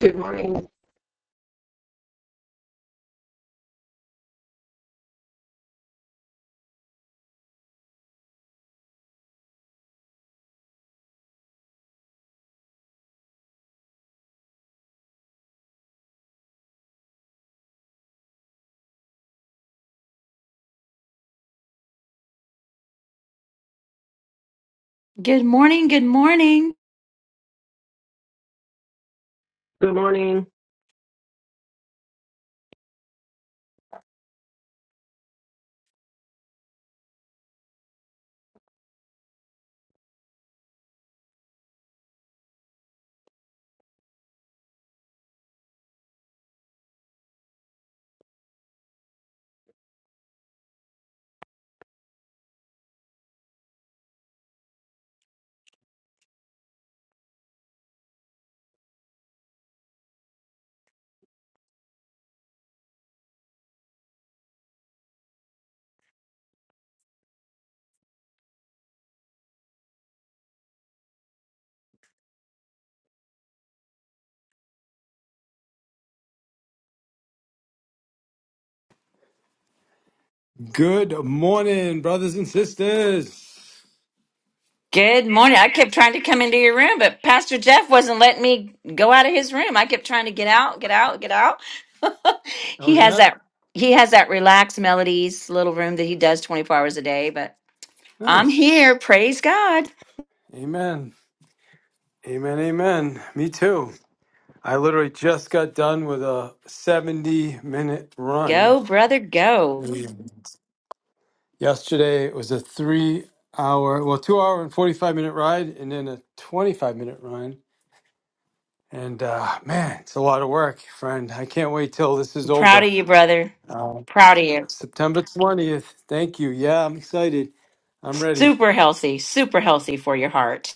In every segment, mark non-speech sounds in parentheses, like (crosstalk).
Good morning. Good morning. Good morning. Good morning. Good morning, brothers and sisters. Good morning. I kept trying to come into your room, but Pastor Jeff wasn't letting me go out of his room. I kept trying to get out, get out, get out. (laughs) Oh, He has yeah? that he has that relaxed melodies little room that he does 24 hours a day, but I'm Nice. here. Praise God. Amen. Amen. Amen. Me too. I literally just got done with a 70 minute run. Go, brother, go. Mm. Yesterday, it was a three hour, well, two hour and 45 minute ride, and then a 25 minute run. And uh, man, it's a lot of work, friend. I can't wait till this is I'm proud over. of you, brother. Uh, Proud of you. September 20th. Thank you. Yeah, I'm excited. I'm ready. Super healthy, super healthy for your heart.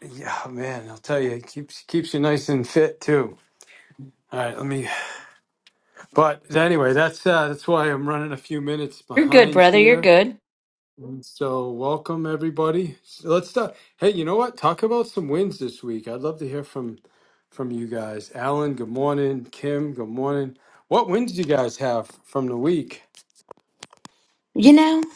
Yeah, man, I'll tell you, it keeps keeps you nice and fit too. All right, let me. But anyway, that's uh, that's why I'm running a few minutes You're good, behind brother. You're here. good. And So welcome everybody. So let's start. Hey, you know what? Talk about some wins this week. I'd love to hear from from you guys. Alan, good morning. Kim, good morning. What wins do you guys have from the week? You know?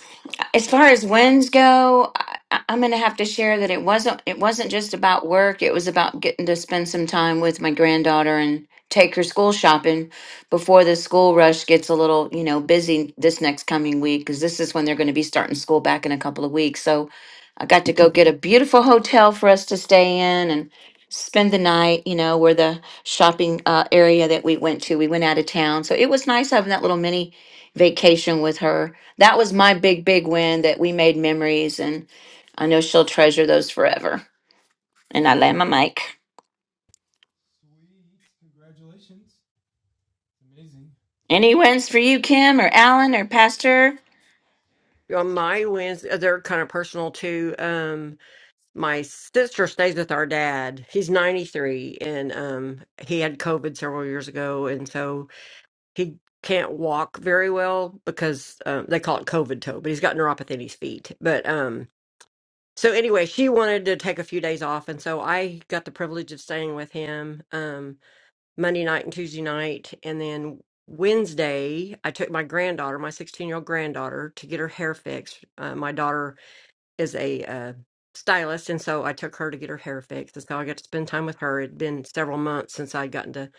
as far as wins go, I, I- I'm going to have to share that it wasn't it wasn't just about work. It was about getting to spend some time with my granddaughter and take her school shopping before the school rush gets a little, you know, busy this next coming week because this is when they're going to be starting school back in a couple of weeks. So I got to go get a beautiful hotel for us to stay in and spend the night, you know, where the shopping uh, area that we went to, we went out of town. So it was nice having that little mini vacation with her that was my big, big win that we made memories, and I know she'll treasure those forever. And I land my mic. Sweet, congratulations! Amazing. Any wins for you, Kim or Alan or Pastor? on my Wednesday, they're kind of personal too. Um, my sister stays with our dad. He's 93 and um, he had COVID several years ago. And so he can't walk very well because um, they call it COVID toe, but he's got neuropathy in his feet. But um, so anyway, she wanted to take a few days off. And so I got the privilege of staying with him. Um, Monday night and Tuesday night. And then Wednesday, I took my granddaughter, my 16 year old granddaughter, to get her hair fixed. Uh, my daughter is a uh, stylist, and so I took her to get her hair fixed. And so I got to spend time with her. It'd been several months since I'd gotten to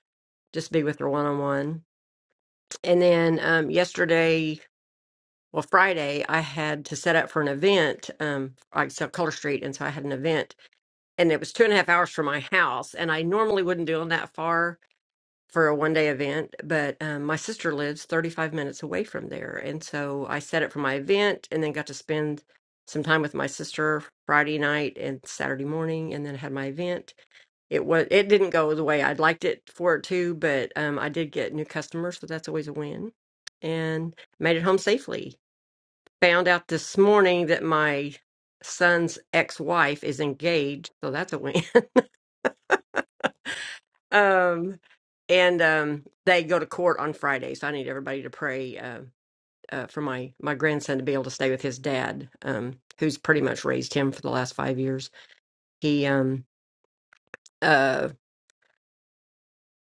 just be with her one on one. And then um, yesterday, well, Friday, I had to set up for an event. Um, I sell Color Street, and so I had an event, and it was two and a half hours from my house. And I normally wouldn't do them that far, for a one day event, but um, my sister lives 35 minutes away from there. And so I set it for my event and then got to spend some time with my sister Friday night and Saturday morning and then had my event. It was it didn't go the way I'd liked it for it to, but um, I did get new customers, so that's always a win. And made it home safely. Found out this morning that my son's ex-wife is engaged, so that's a win. um, and um, they go to court on Friday, so I need everybody to pray uh, uh, for my my grandson to be able to stay with his dad, um, who's pretty much raised him for the last five years. He um, uh,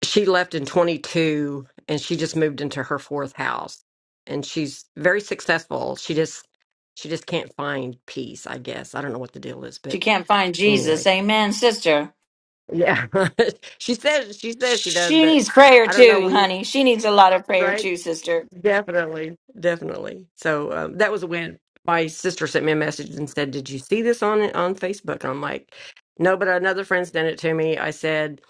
she left in 22, and she just moved into her fourth house, and she's very successful. She just she just can't find peace, I guess. I don't know what the deal is, She but can't find Jesus. anyway, Amen, sister. yeah. (laughs) she says she says she does, She but needs prayer I don't know too, when. you- honey. She needs a lot of prayer Right? too, sister. Definitely, definitely. So um, that was when my sister sent me a message and said, "Did you see this on on Facebook?" And I'm like, "No," but another friend sent it to me. I said,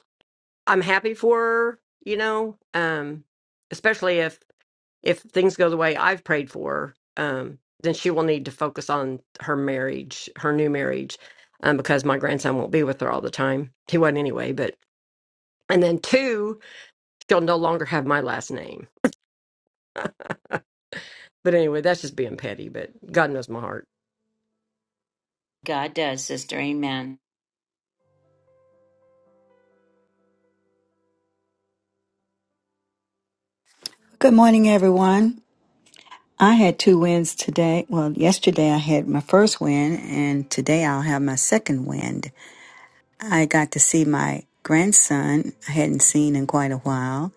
"I'm happy for her, you know, um, especially if if things go the way I've prayed for, her, um, then she will need to focus on her marriage, her new marriage, um, because my grandson won't be with her all the time. He wasn't anyway, but." And then two, she'll no longer have my last name. But anyway, that's just being petty, but God knows my heart. God does, sister. Amen. Good morning, everyone. I had two wins today. Well, yesterday I had my first win, and today I'll have my second win. I got to see my grandson I hadn't seen in quite a while,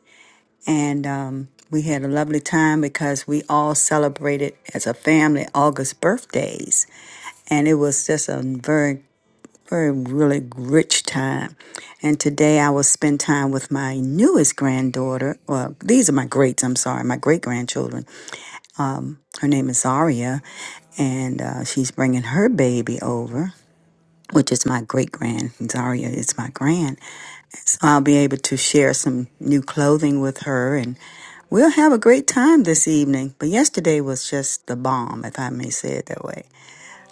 and um, we had a lovely time because we all celebrated as a family August birthdays, and it was just a very, very, really rich time. And today I will spend time with my newest granddaughter. Well, these are my greats, I'm sorry, my great grandchildren Her name is Zaria, and uh, she's bringing her baby over, which is my great grand. Zaria is my grand. So I'll be able to share some new clothing with her, and we'll have a great time this evening. But yesterday was just the bomb, if I may say it that way.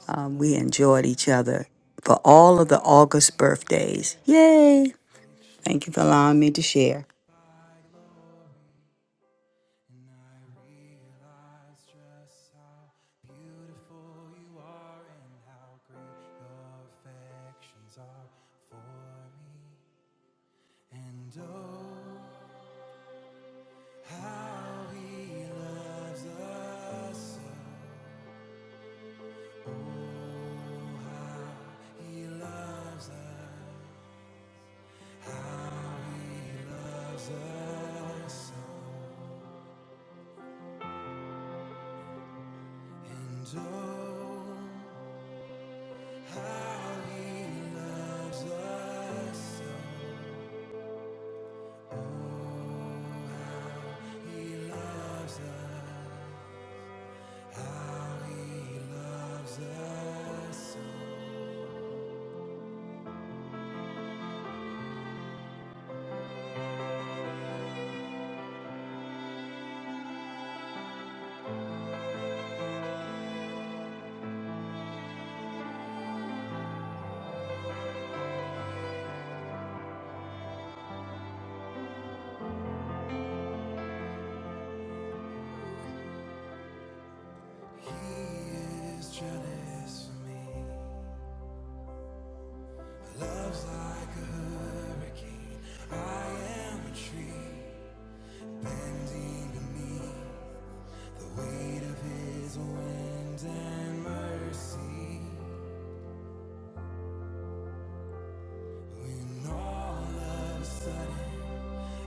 Um, we enjoyed each other for I am all of the August birthdays. unaware Yay! of these Thank you for afflictions allowing me to eclipsed share. by glory, and I realize just how beautiful you are and how great your affections are for me. And oh, how he loves us, loves us, and oh, how he loves us. He is jealous for me. My love's like a hurricane. I am a tree bending beneath the weight of his wind and mercy. When all of a sudden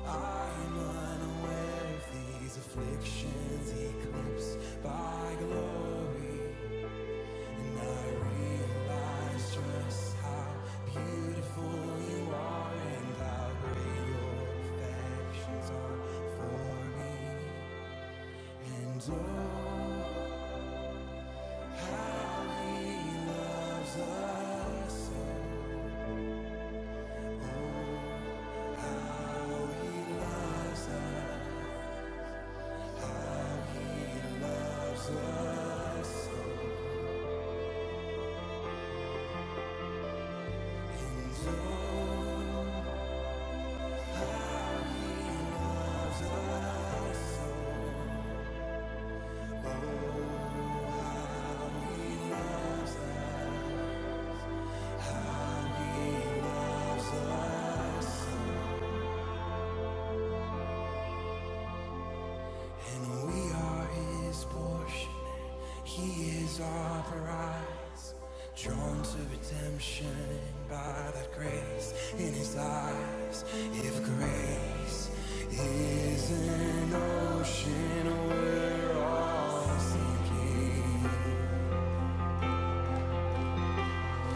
I am unaware of these afflictions eclipsed by glory. And I realize just how beautiful you are and how great your affections are for me. And oh, how he loves us. And oh, how he loves us. And we are his portion, he is our prize. Drawn to redemption by that grace in his eyes. If grace is an ocean, we're all sinking.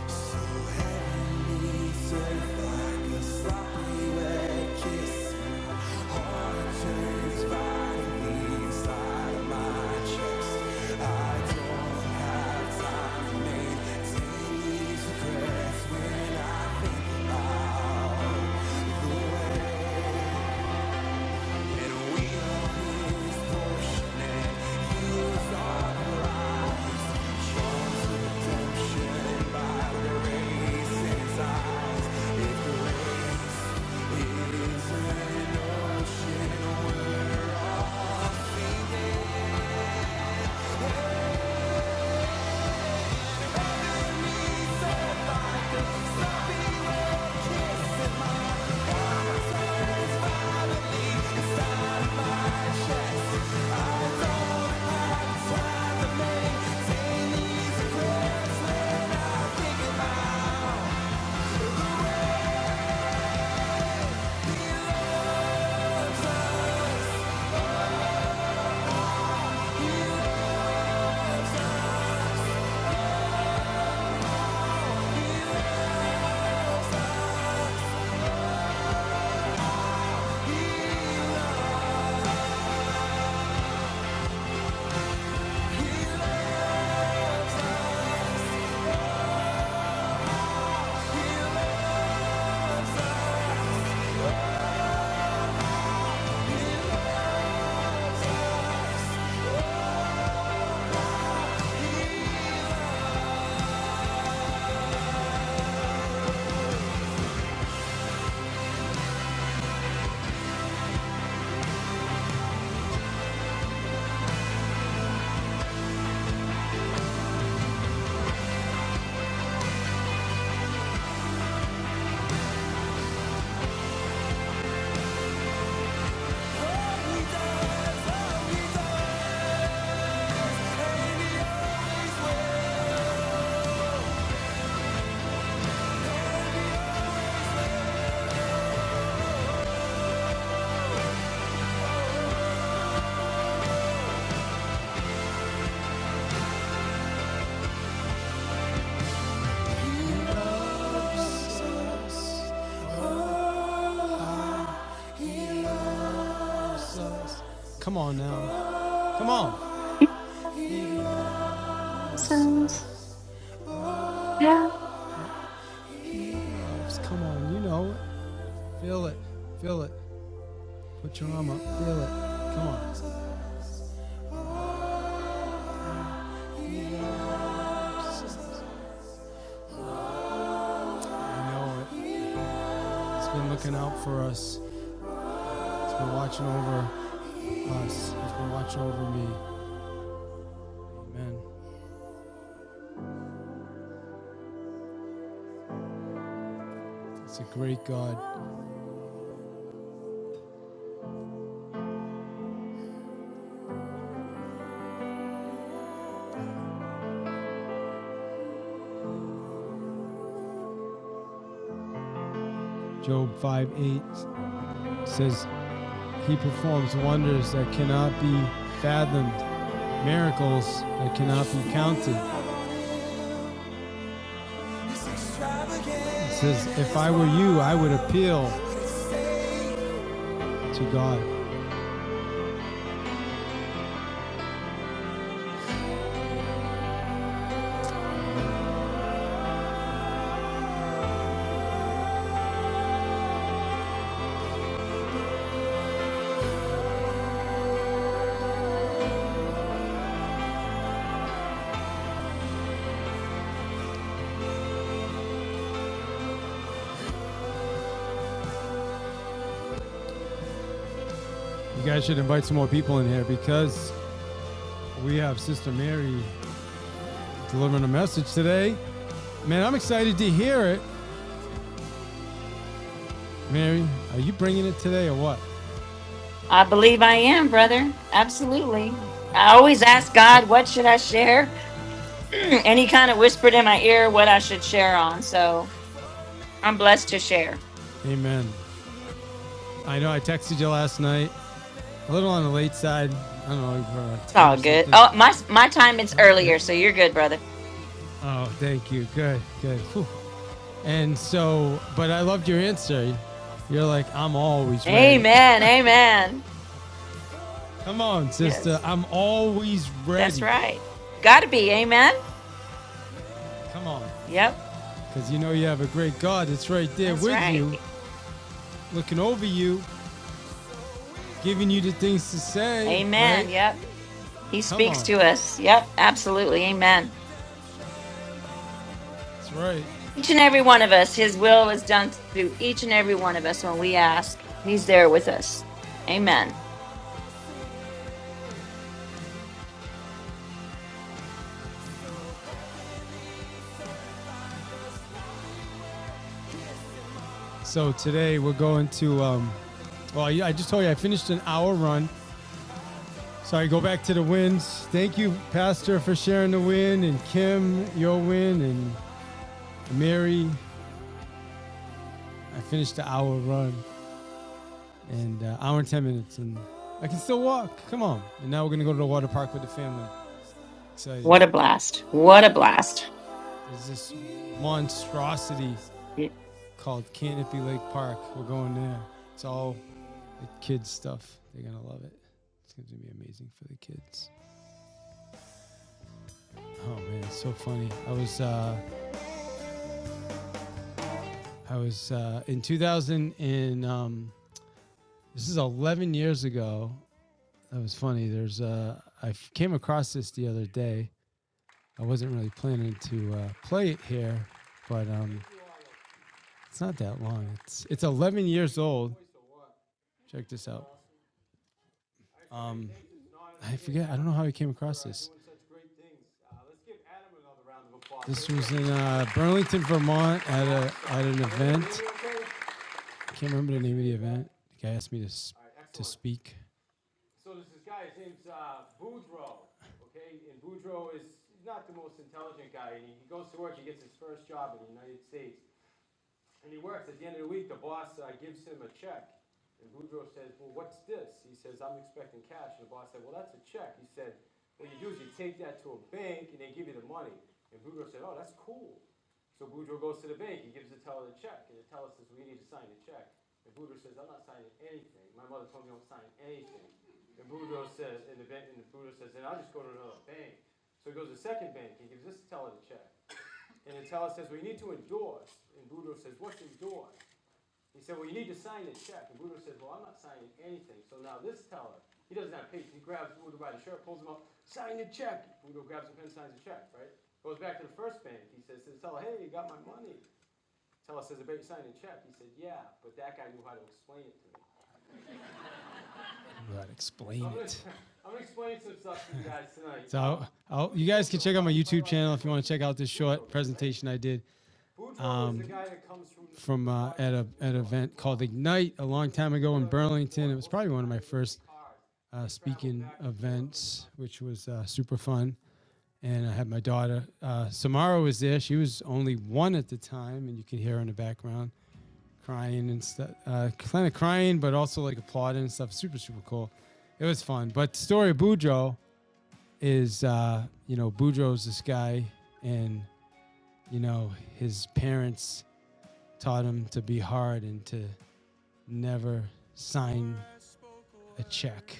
So heaven meets earth like a sloppy wet kiss. Heart turns violently inside of my chest. Come on now. Come on. Sounds- yeah. Come on. You know it. Feel it. Feel it. Put your arm up. Feel it. Come on. You know it. It's been looking out for us. It's been watching over us. It's been watching over me. Man, it's a great God. Job 5 8 says, He performs wonders that cannot be fathomed, miracles that cannot be counted. He says, If I were you, I would appeal to God. You guys should invite some more people in here because we have Sister Mary delivering a message today. Man, I'm excited to hear it. Mary, are you bringing it today or what? I believe I am, brother. Absolutely. I always ask So, God, what should I share? (clears throat) and he kind of whispered in my ear what I should share on. So I'm blessed to share. amen. I know I texted you last night, a little on the late side. I don't know, like, uh, It's 10 all or good. something. Oh, my my time is Eh, earlier, so you're good, brother. Oh, thank you. Good, good. Whew. And so, but I loved your answer. You're like, I'm always ready. Amen. Amen. (laughs) Come on, sister. Yes, I'm always that's ready. right. Got to be. Amen. Come on. Yep, Because you know you have a great God that's right there that's with you, right. looking over you, giving you the things to say, right? Amen. Yep. He Come speaks on. to us. Yep, absolutely. Amen. That's right. Each and every one of us, His will is done through each and every one of us when we ask. He's there with us. Amen. So today we're going to, um, well, I just told you I finished an hour run. So I go back to the wins. Thank you, Pastor, for sharing the win, and Kim, your win, and Mary, I finished the hour run and uh, hour and 10 minutes, and I can still walk. Come on. And now we're going to go to the water park with the family. Excited. What a blast. What a blast. There's this monstrosity called Canopy Lake Park. We're going there. It's all the kids' stuff. They're going to love it. It's going to be amazing for the kids. Oh, man. It's so funny. I was, uh, I was uh, in 2000, and um, this is 11 years ago. That was funny. There's, uh, I f- came across this the other day I wasn't really planning to uh, play it here, but um, it's not that long. It's it's 11 years old. Check this out. Um, I forget. I don't know how I came across this. This was in uh, Burlington, Vermont, at a at an event. I can't remember the name of the event. The guy asked me to to speak. So there's this guy, his name's uh, Boudreaux, okay? And Boudreaux is not the most intelligent guy. he goes to work, he gets his first job in the United States. And he works. At the end of the week, the boss uh, gives him a check. And Boudreaux says, Well, what's this? He says, I'm expecting cash. And the boss said, Well, that's a check. He said, What you do is you take that to a bank and they give you the money. And Boudreaux said, Oh, that's cool. So Boudreaux goes to the bank. He gives the teller the check. And the teller says, We need to sign the check. And Boudreaux says, I'm not signing anything. My mother told me i not sign anything. And Boudreaux says, and the, bank, and the Boudreaux says, then I'll just go to another bank. So he goes to the second bank. He gives this teller the check. And Nutella says, well, you need to endorse. And Boudreaux says, what's endorse? He said, well, you need to sign a check. And Boudreaux says, well, I'm not signing anything. So now this teller, he doesn't have patience. He grabs Boudreaux by the shirt, pulls him up, sign the check. Boudreaux grabs a pen, signs the check, right? Goes back to the first bank. He says to the teller, hey, you got my money. Teller says, "But you signed a check." He said, "Yeah, but that guy knew how to explain it to me." Right, explain I'm going to explain it. gonna, (laughs) I'm gonna explain some stuff to you guys tonight. So I'll, I'll, you guys can check out my YouTube channel if you want to check out this short presentation I did. um, from uh, at a at an event called Ignite a long time ago in Burlington. It was probably one of my first uh, speaking events, which was uh, super fun. And I had my daughter uh, Samara was there. She was only one at the time, and you can hear her in the background crying and stuff, uh, kind of crying, but also like applauding and stuff. Super super cool. It was fun. But the story of Boudreaux is, uh, you know, Boudreaux's this guy, and you know his parents taught him to be hard and to never sign a check.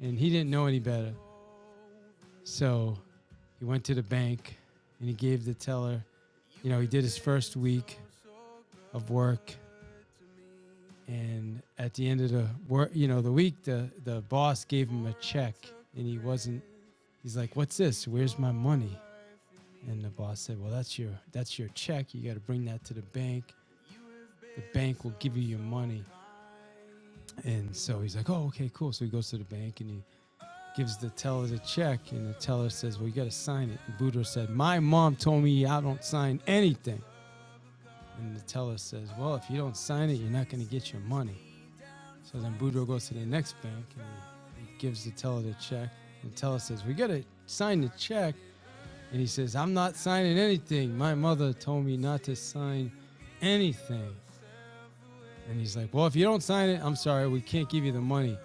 And he didn't know any better. So he went to the bank and he gave the teller, you know, he did his first week of work. And at the end of the work, you know, the week, the, the boss gave him a check and he wasn't, he's like, what's this? Where's my money? And the boss said, well, that's your, that's your check. You got to bring that to the bank. The bank will give you your money. And so he's like, oh, okay, cool. So he goes to the bank and he gives the teller the check, and the teller says, "Well, you got to sign it." And Boudreaux said, "My mom told me I don't sign anything." And the teller says, "Well, if you don't sign it, you're not going to get your money." So then Boudreaux goes to the next bank and he he gives the teller the check. And the teller says, "We got to sign the check." And he says, "I'm not signing anything. My mother told me not to sign anything." And he's like, "Well, if you don't sign it, I'm sorry, we can't give you the money."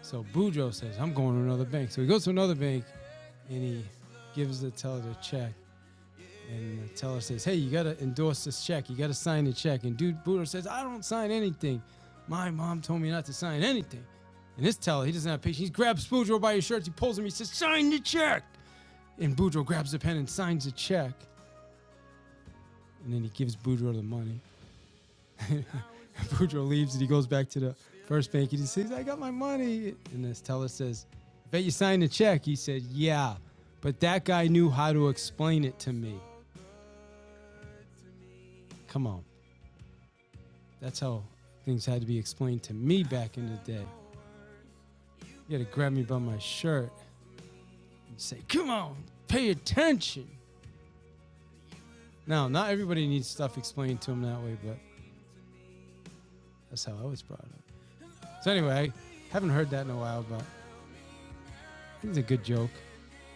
So Boudreaux says, "I'm going to another bank." So he goes to another bank and he gives the teller the check. And the teller says, Hey, you got to endorse this check. You got to sign the check. And dude Buddha says, I don't sign anything. My mom told me not to sign anything. And this teller, he doesn't have patience. He grabs Boudreaux by his shirt. He pulls him. He says, Sign the check. And Boudreaux grabs the pen and signs the check. And then he gives Boudreaux the money. (laughs) Boudreaux leaves and he goes back to the first bank. he says, I got my money. And this teller says, I bet you signed the check. He said, Yeah, but that guy knew how to explain it to me. Come on. That's how things had to be explained to me back in the day. You had to grab me by my shirt and say, Come on, pay attention. Now, not everybody needs stuff explained to them that way, but that's how I was brought up. So, anyway, I haven't heard that in a while, but I think it's a good joke,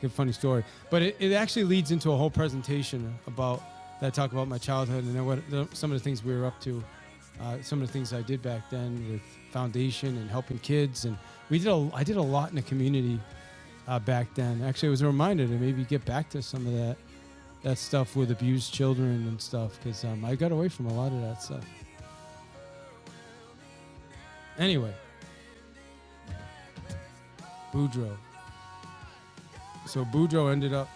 good funny story. But it, it actually leads into a whole presentation about that talk about my childhood and what some of the things we were up to, uh, some of the things I did back then with foundation and helping kids. And we did a, I did a lot in the community uh, back then. Actually, it was a reminder to maybe get back to some of that that stuff with abused children and stuff because um, I got away from a lot of that stuff. Anyway, Boudreaux. So Boudreaux ended up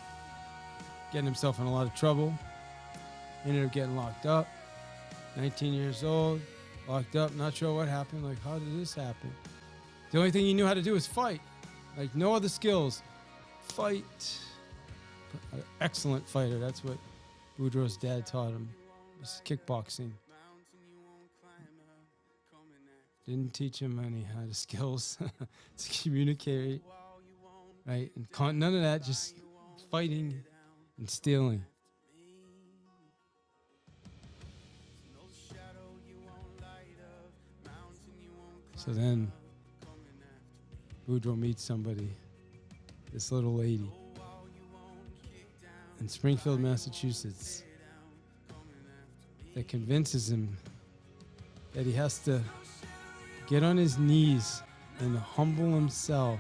getting himself in a lot of trouble. Ended up getting locked up. 19 years old, locked up. Not sure what happened. Like, how did this happen? The only thing he knew how to do was fight. Like, no other skills. Fight. Excellent fighter. That's what Boudreaux's dad taught him. was kickboxing. Didn't teach him any how to skills (laughs) to communicate right? And con- none of that, just fighting and stealing. So then Boudreaux meets somebody, this little lady in Springfield, Massachusetts, that convinces him that he has to get on his knees and humble himself.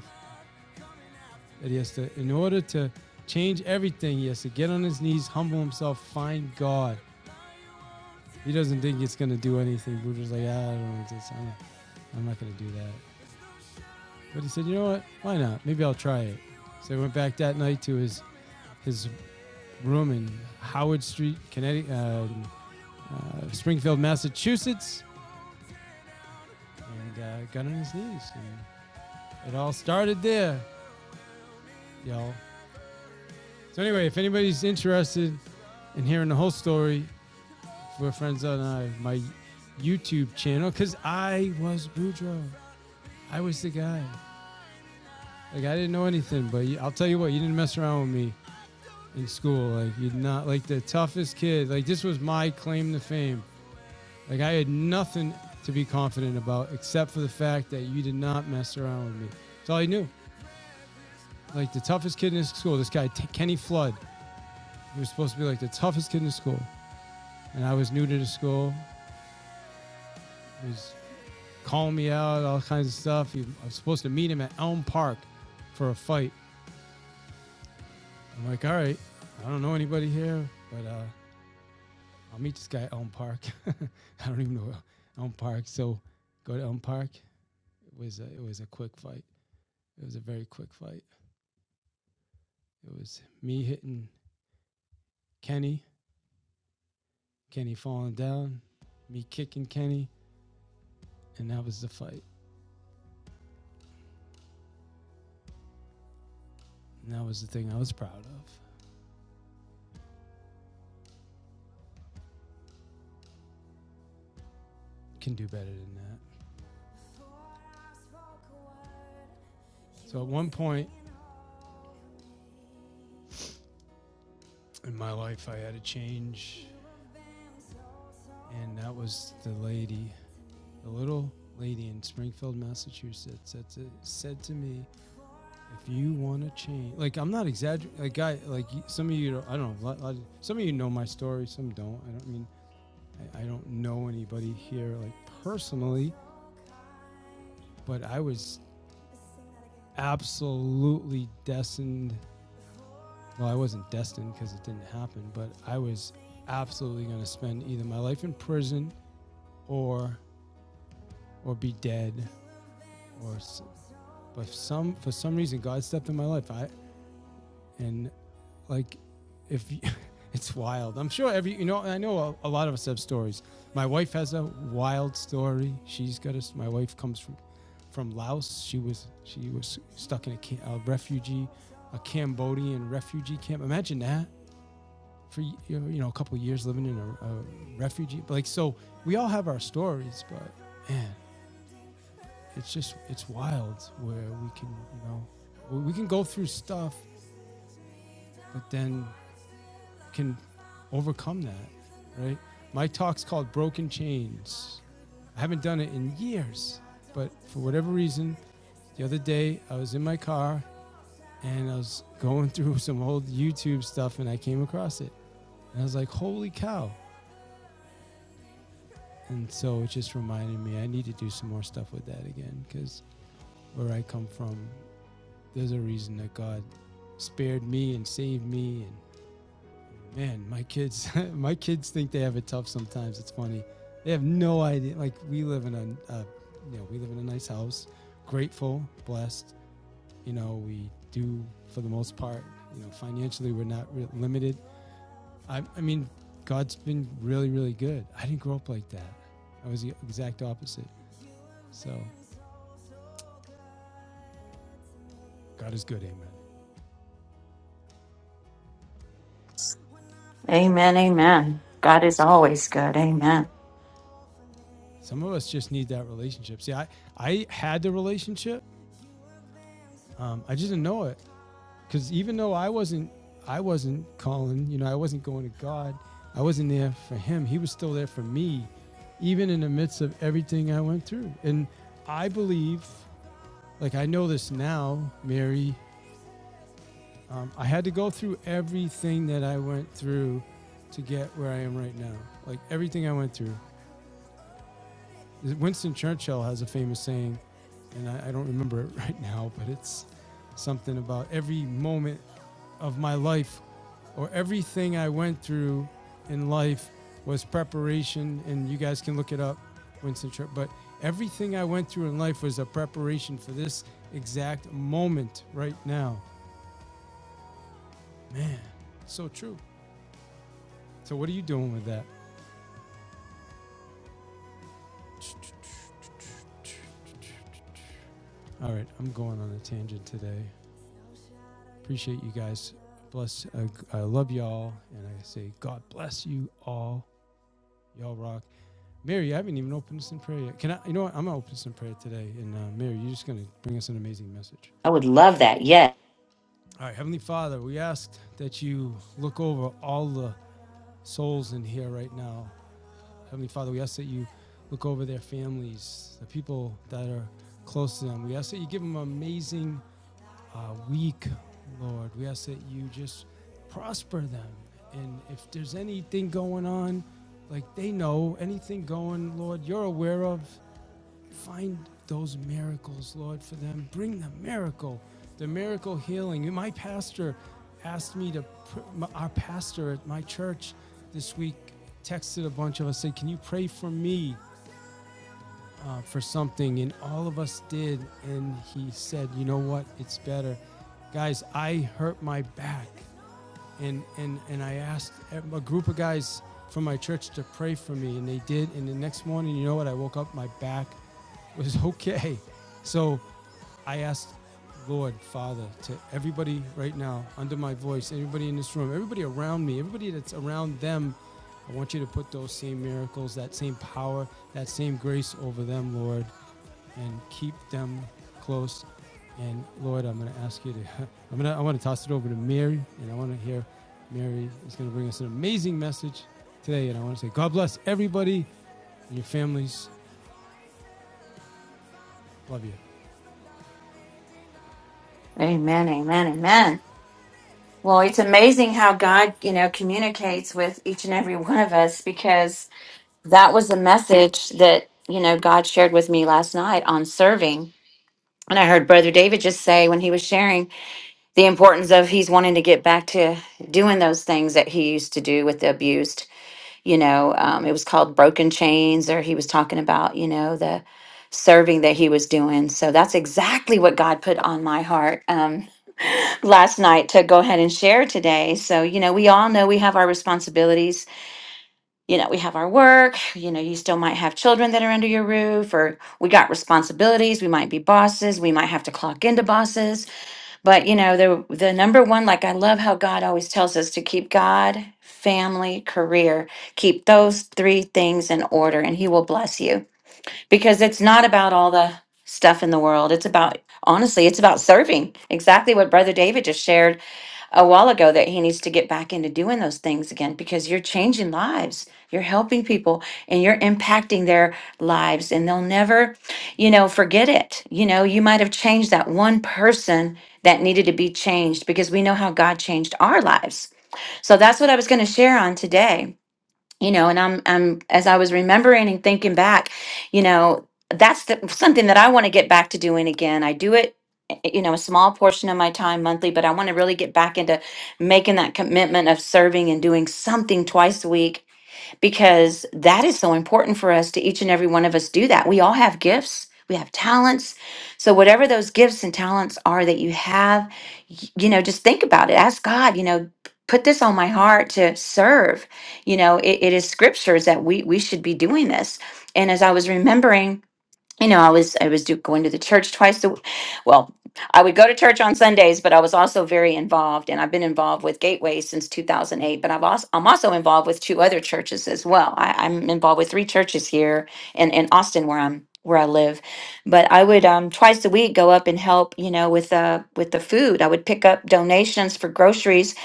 That he has to, in order to change everything, he has to get on his knees, humble himself, find God. He doesn't think it's going to do anything. Boudreaux's like, ah, I don't want this. I'm not, I'm not going to do that. But he said, you know what? Why not? Maybe I'll try it. So he went back that night to his his room in Howard Street, Connecticut, uh, uh, Springfield, Massachusetts, and uh, got on his knees. And it all started there, y'all. So anyway, if anybody's interested in hearing the whole story, we're friends on uh, my YouTube channel because I was Boudreaux. I was the guy. Like I didn't know anything, but I'll tell you what, you didn't mess around with me in school. Like you're not like the toughest kid. Like this was my claim to fame. Like I had nothing to be confident about except for the fact that you did not mess around with me. That's all I knew. Like the toughest kid in his school, this guy T- Kenny Flood, he was supposed to be like the toughest kid in the school, and I was new to the school. He was calling me out, all kinds of stuff. He, I was supposed to meet him at Elm Park for a fight. I'm like, all right, I don't know anybody here, but uh, I'll meet this guy at Elm Park. (laughs) I don't even know Elm Park, so go to Elm Park. It was a, it was a quick fight. It was a very quick fight. It was me hitting Kenny, Kenny falling down, me kicking Kenny, and that was the fight. And that was the thing I was proud of. Can do better than that. So at one point in my life, I had a change, and that was the lady, the little lady in Springfield, Massachusetts, that said- to me, "If you want to change, like I'm not exaggerating, like I, like some of you, I don't know, some of you know my story, some don't. I don't mean, I, I don't know anybody here like personally, but I was absolutely destined. Well, I wasn't destined because it didn't happen, but I was absolutely going to spend either my life in prison or or be dead or but some for some reason God stepped in my life. I and like if you, (laughs) it's wild. I'm sure every you know I know a, a lot of us have stories. My wife has a wild story. She's got a. My wife comes from from Laos. She was she was stuck in a, a refugee, a Cambodian refugee camp. Imagine that for you know a couple of years living in a, a refugee. Like so, we all have our stories, but man, it's just it's wild where we can you know we can go through stuff, but then can overcome that, right? My talk's called Broken Chains. I haven't done it in years, but for whatever reason, the other day I was in my car and I was going (laughs) through some old YouTube stuff and I came across it. And I was like, holy cow, And so it just reminded me I need to do some more stuff with that again because where I come from, there's a reason that God spared me and saved me. And man, my kids, (laughs) my kids think they have it tough sometimes. It's funny. They have no idea. Like we live in a, a you know, we live in a nice house, grateful, blessed. You know, we do for the most part. You know, financially, we're not re- limited. I, I mean, God's been really, really good. I didn't grow up like that. I was the exact opposite. So God is good. Amen. Amen. Amen. God God is is good. always good. Amen. Some of us just need that relationship. See, I I had the relationship. Um, I just didn't know it because even though I wasn't I wasn't calling, you know, I wasn't going to God. I wasn't there for Him. He was still there for me, even in the midst of everything I went through. And I believe, like I know this now, Mary. Um, I had to go through everything that I went through to get where I am right now. Like everything I went through Winston Churchill has a famous saying, and I, I don't remember it (laughs) right now, but it's something about every moment of my life or everything I went through in life was preparation. And you guys can look it up, Winston Churchill. But everything I went through in life was a preparation for this exact moment right now. Man, so true. So, what are you doing with that? All right, I'm going on a tangent today. Appreciate you guys. Bless. Uh, I love y'all, and I say God bless you all. Y'all rock. Mary, I haven't even opened us in prayer yet. Can I? You know what? I'm gonna open us in prayer today. And uh, Mary, you're just gonna bring us an amazing message. I would love that. Yes. All right, Heavenly Father, we ask that you look over all the souls in here right now. Heavenly Father, we ask that you look over their families, the people that are close to them. We ask that you give them amazing uh, weak, Lord. We ask that you just prosper them. And if there's anything going on, like they know, anything going, Lord, you're aware of, find those miracles, Lord, for them. Bring the miracle, the miracle healing. My pastor asked me to, our pastor at my church this week texted a bunch of us, said, Can you pray for me? uh, for something, and all of us did. And he said, "You know what? It's better, guys. I hurt my back, and and and I asked a group of guys from my church to pray for me, and they did. And the next morning, you know what? I woke up, my back (laughs) was okay. So I asked." Lord, Father, to everybody right now, under my voice, everybody in this room, everybody around me, everybody that's around them, I want you to put those same miracles, that same power, that same grace over them, Lord and keep them close. And Lord, I'm going to ask you to, (laughs) I'm going to, I want to toss it over to Mary, and I want to hear Mary is going to bring us an amazing message today. And I want to say, God bless everybody and your families. Love you. Amen. Amen. Amen. Well, it's amazing how God, you know, communicates with each and every (laughs) one of us because that was the message that, you know, God shared with me last night on serving. And I heard Brother David just say when he was sharing the importance of he's wanting to get back to doing those things that he used to do with the abused. You know, um, it was called broken chains, or he was talking about, you know, the serving that he was doing. So that's exactly what God put on my heart. Um, last night to go ahead and share today. So, you know, we all know we have our responsibilities. You know, we have our work. You know, you still might have children that are under your roof, or we got responsibilities. We might be bosses. We might have to clock into bosses. But, you know, the, the number one, like I love how God always tells us to keep God, family, career, keep those three things in order, and He will bless you because it's not about all the stuff in the world. It's about, honestly, it's about serving exactly what Brother David just shared a while ago that he needs to get back into doing those things again because you're changing lives. You're helping people and you're impacting their lives, and they'll never, you know, forget it. You know, you might have changed that one person that needed to be changed because we know how God changed our lives. So that's what I was going to share on today you know and i'm i'm as i was remembering and thinking back you know that's the, something that i want to get back to doing again i do it eh, eh, you know a small portion of my time monthly but i want to really get back into making that commitment of serving and doing something twice a week because that is so important for us to each and every one of us do that. We all have gifts, we have talents. So, whatever those gifts and talents are that you have, y- you know, just think about it. Ask God, you know, put this on my heart to serve. You know, it, it is scriptures that we, we should be doing this. And as I was remembering, you know, I was I was do, going to the church twice a w- well, I would go to church on Sundays, but I was also very involved, and I've been involved with Gateway since 2008. But I've also I'm also involved with two other churches as well. I, I'm involved with three churches here in in Austin where I'm where I live. But I would um twice a week go up and help you know with uh with the food. I would pick up donations for groceries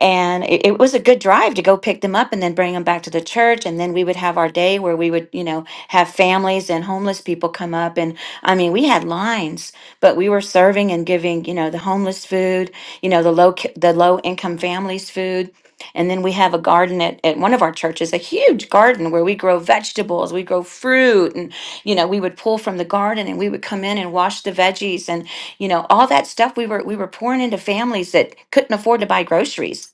and it, it was a good drive to go pick them up and then bring them back to the church and then we would have our day where we would you know have families and homeless people come up and i mean we had lines but we were serving and giving you know the homeless food you know the low ki- the low income families food and then we have a garden at, at one of our churches a huge garden where we grow vegetables we grow fruit and you know we would pull from the garden and we would come in and wash the veggies and you know all that stuff we were we were pouring into families that couldn't afford to buy groceries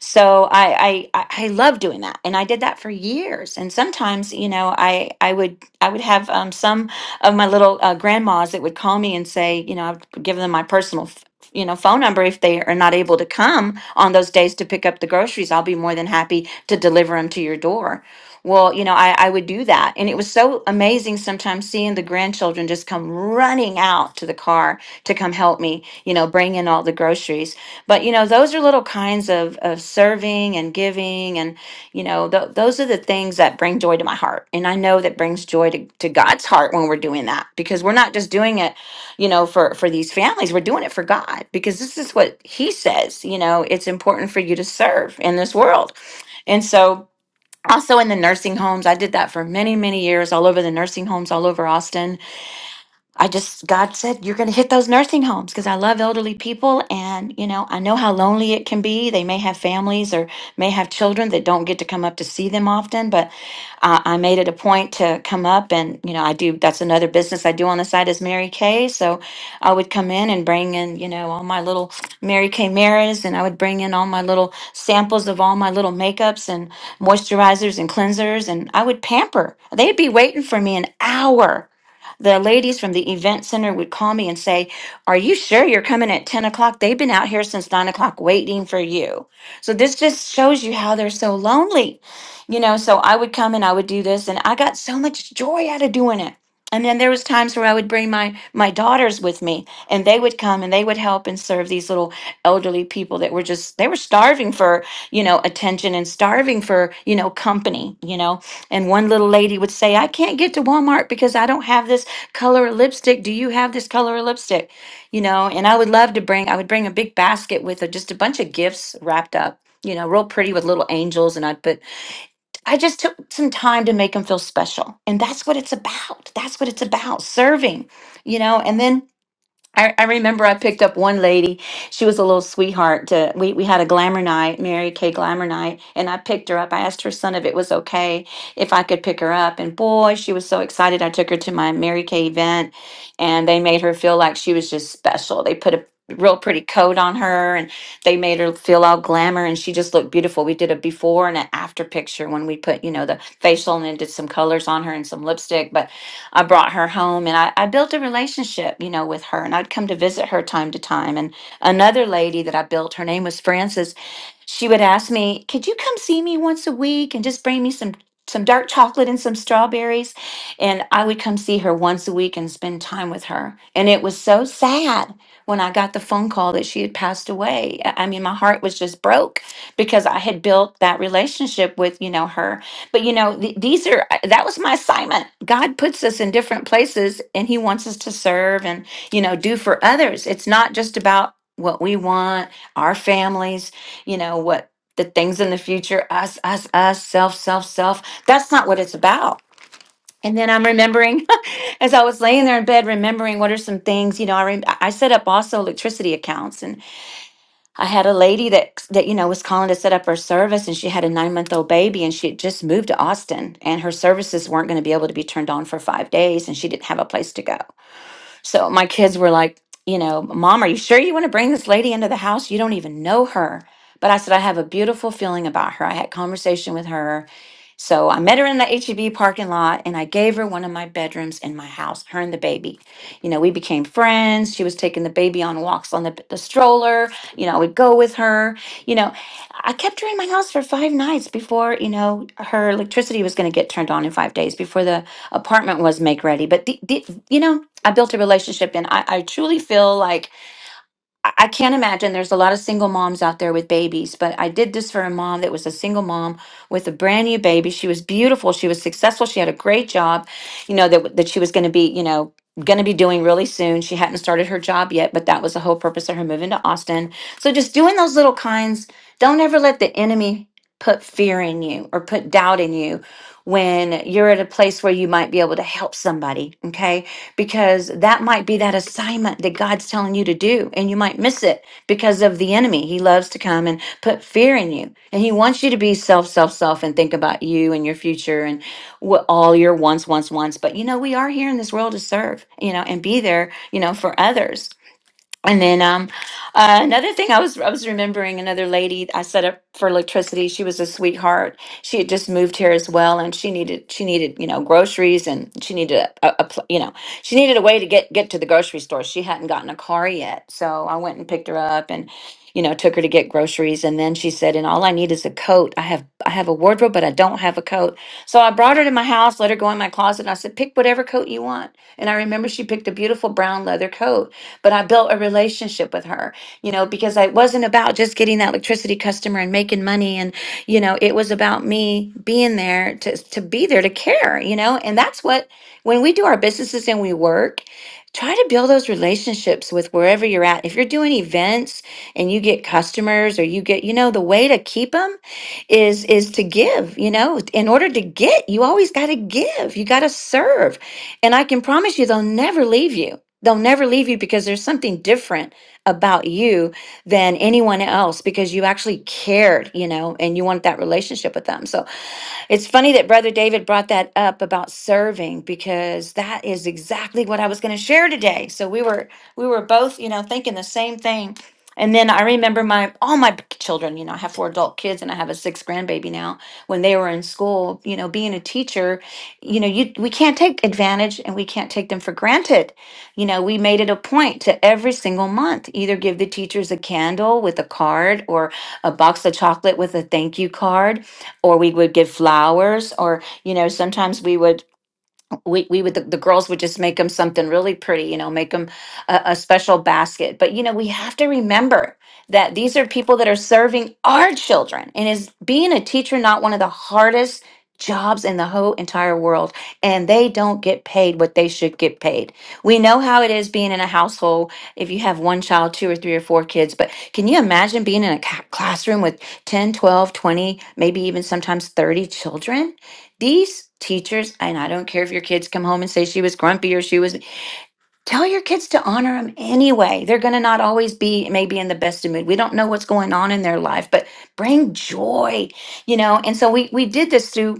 so I, I I I love doing that, and I did that for years. And sometimes, you know, I I would I would have um, some of my little uh, grandmas that would call me and say, you know, I'd give them my personal. f- You know, phone number if they are not able to come on those days to pick up the groceries, I'll be more than happy to deliver them to your door. Well, you know, I, I would do that. And it was so amazing sometimes seeing the grandchildren just come running out to the car to come help me, you know, bring in all the groceries but you know those are little kinds of of serving and giving and you know th- those are the things that bring joy to my heart and i know that brings joy to, to god's heart when we're doing that because we're not just doing it you know for for these families we're doing it for god because this is what he says you know it's important for you to serve in this world and so also in the nursing homes i did that for many many years all over the nursing homes all over austin I just, God said, you're going to hit those nursing homes because I love elderly people. And, you know, I know how lonely it can be. They may have families or may have children that don't get to come up to see them often. But uh, I made it a point to come up and, you know, I do, that's another business I do on the side is Mary Kay. So I would come in and bring in, you know, all my little Mary Kay mirrors and I would bring in all my little samples of all my little makeups and moisturizers and cleansers. And I would pamper. They'd be waiting for me an hour the ladies from the event center would call me and say, Are you sure you're coming at 10 o'clock? They've been out here since 9 o'clock waiting for you. So this just shows you how they're so lonely. You know, so I would come and I would do this, and I got so much joy out of doing it. And then there was times where I would bring my my daughters with me, and they would come and they would help and serve these little elderly people that were just they were starving for you know attention and starving for you know company, you know. And one little lady would say, "I can't get to Walmart because I don't have this." color lipstick do you have this color lipstick you know and i would love to bring i would bring a big basket with a, just a bunch of gifts wrapped up you know real pretty with little angels and i'd put i just took some time to make them feel special and that's what it's about that's what it's about serving you know and then I, I remember I picked up one lady. She was a little sweetheart. To, we, we had a glamour night, Mary Kay glamour night, and I picked her up. I asked her son if it was okay if I could pick her up. And boy, she was so excited. I took her to my Mary Kay event, and they made her feel like she was just special. They put a real pretty coat on her, and they made her feel all glamour, and she just looked beautiful. We did a before and an after picture when we put, you know, the facial and then did some colors on her and some lipstick. But I brought her home and I, I built a relationship, you know, with her. And I'd come to visit her time to time. And another lady that I built, her name was Frances, she would ask me, Could you come see me once a week and just bring me some? Some dark chocolate and some strawberries. And I would come see her once a week and spend time with her. And it was so sad when I got the phone call that she had passed away. I I mean, my heart was just broke because I had built that relationship with, you know, her but you know, th- these are that was my assignment. God puts us in different places and he wants us to serve and you know, do for others. It's not just about what we want, our families, you know, what the things in the future, us, us, us, self, self, self. That's not what it's about. And then I'm remembering (laughs) as I was laying there in bed, remembering what are some things, you know, I, rem- I set up also electricity accounts and. I had a lady that that you know was calling to set up her service, and she had a nine month old baby, and she had just moved to Austin, and her services weren't going to be able to be turned on for five days, and she didn't have a place to go. So my kids were like, you know, Mom, are you sure you want to bring this lady into the house? You don't even know her. But I said I have a beautiful feeling about her. I had conversation with her so I met her in the HEB parking lot and I gave her one of my bedrooms in my house, her and the baby. You know, we became friends. She was taking the baby on walks on the, the stroller. You know, I would go with her. You know, I kept her in my house for five nights before, you know, her electricity was going to get turned on in five days before the apartment was make ready. But, the, the, you know, I built a relationship and I, I truly feel like I I can't imagine. There's a lot of single moms out there with babies, but I did this for a mom that was a single mom with a brand new baby. She was beautiful. She was successful. She had a great job, you know, that, that she was going to be, you know, going to be doing really soon. She hadn't started her job yet, but that was the whole purpose of her moving to Austin. So just doing those little kinds, don't ever let the enemy put fear in you or put doubt in you when you're at a place where you might be able to help somebody. Okay because that might be that assignment that God's telling you to do, and you might miss it because of the enemy. He loves to come and put fear in you, and he wants you to be self, self, self, and think about you and your future and what all your wants, wants, wants. But you know, we are here in this world to serve, you know, and be there, you know, for others. And then um, uh, another thing I was I was remembering another lady I set up for electricity. She was a sweetheart. She had just moved here as well, and she needed she needed you know groceries, and she needed a, a, a pl- you know she needed a way to get get to the grocery store. She hadn't gotten a car yet, so I went and picked her up and you know took her to get groceries. And then she said, "And all I need is a coat. I have I have a wardrobe, but I don't have a coat." So I brought her to my house, let her go in my closet, and I said, "Pick whatever coat you want." And I remember she picked a beautiful brown leather coat but I built a relationship with her, you know, because I wasn't about just getting that electricity customer and making money. And, you know, it was about me being there to, to be there to care, you know, and that's what, when we do our businesses and we work, try to build those relationships with wherever you're at. If you're doing events and you get customers or you get, you know, the way to keep them is is to give, you know. In order to get, you always got to give. You got to serve. And I can promise you, they'll never leave you. They'll never leave you because there's something different about you than anyone else because you actually cared, you know, and you wanted that relationship with them. So it's funny that Brother David brought that up about serving because that is exactly what I was going to share today. So we were we were both, you know, thinking the same thing. And then I remember my all my children, you know, I have four adult kids and I have a sixth grandbaby now. When they were in school, you know, being a teacher you know you we can't take advantage and we can't take them for granted you know we made it a point to every single month either give the teachers a candle with a card or a box of chocolate with a thank you card or we would give flowers or you know sometimes we would we we would the, the girls would just make them something really pretty you know make them a, a special basket but you know we have to remember that these are people that are serving our children and is being a teacher not one of the hardest jobs in the whole entire world and they don't get paid what they should get paid we know how it is being in a household if you have one child two or three or four kids but can you imagine being in a ca- classroom with 10, 12, 20, maybe even sometimes 30 children these teachers, and I don't care if your kids come home and say she was grumpy or she was, tell your kids to honor them anyway. They're going to not always be maybe in the best of mood. We don't know what's going on in their life, but bring joy, you know. And so we we did this through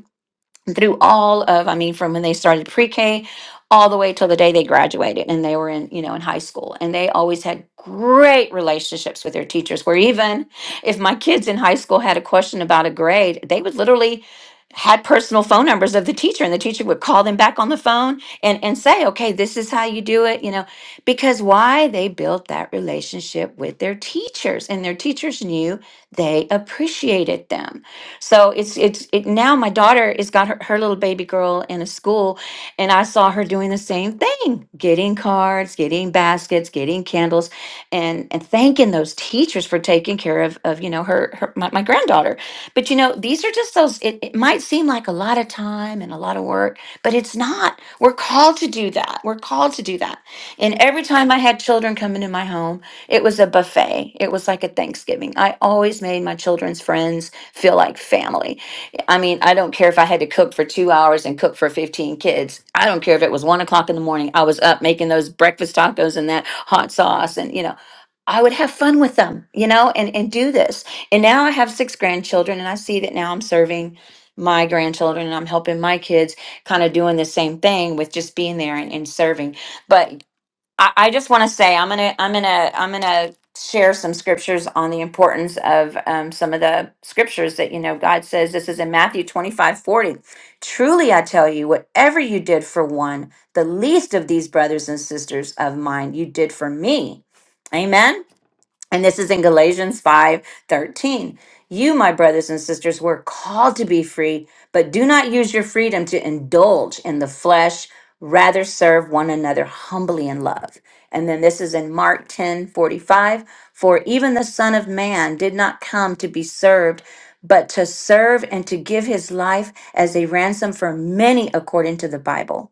through all of i mean from when they started pre-k all the way till the day they graduated and they were in you know in high school and they always had great relationships with their teachers where even if my kids in high school had a question about a grade they would literally had personal phone numbers of the teacher and the teacher would call them back on the phone and and say okay this is how you do it you know because why they built that relationship with their teachers and their teachers knew they appreciated them so it's it's it now my daughter has got her, her little baby girl in a school and I saw her doing the same thing, getting cards, getting baskets, getting candles and and thanking those teachers for taking care of of you know her, her my, my granddaughter. But you know, these are just those it, it might seem like a lot of time and a lot of work, but it's not. We're called to do that. We're called to do that. And every time I had children come into my home, it was a buffet. It was like a Thanksgiving. I always made my children's friends feel like family. I mean, I don't care if I had to cook for two hours and cook for 15 kids. I don't care if it was one o'clock in the morning. I was up making those breakfast tacos and that hot sauce and, you know, I would have fun with them, you know, and, and do this. And now I have six grandchildren and I see that now I'm serving my grandchildren and I'm helping my kids kind of doing the same thing with just being there and, and serving. But I, I just want to say I'm gonna I'm gonna I'm gonna share some scriptures on the importance of um, some of the scriptures that you know God says this is in Matthew 25 40. truly I tell you whatever you did for one the least of these brothers and sisters of mine you did for me amen and this is in Galatians 5 13. You, my brothers and sisters, were called to be free, but do not use your freedom to indulge in the flesh. Rather serve one another humbly in love. And then this is in Mark 10 45. For even the Son of Man did not come to be served, but to serve and to give his life as a ransom for many according to the Bible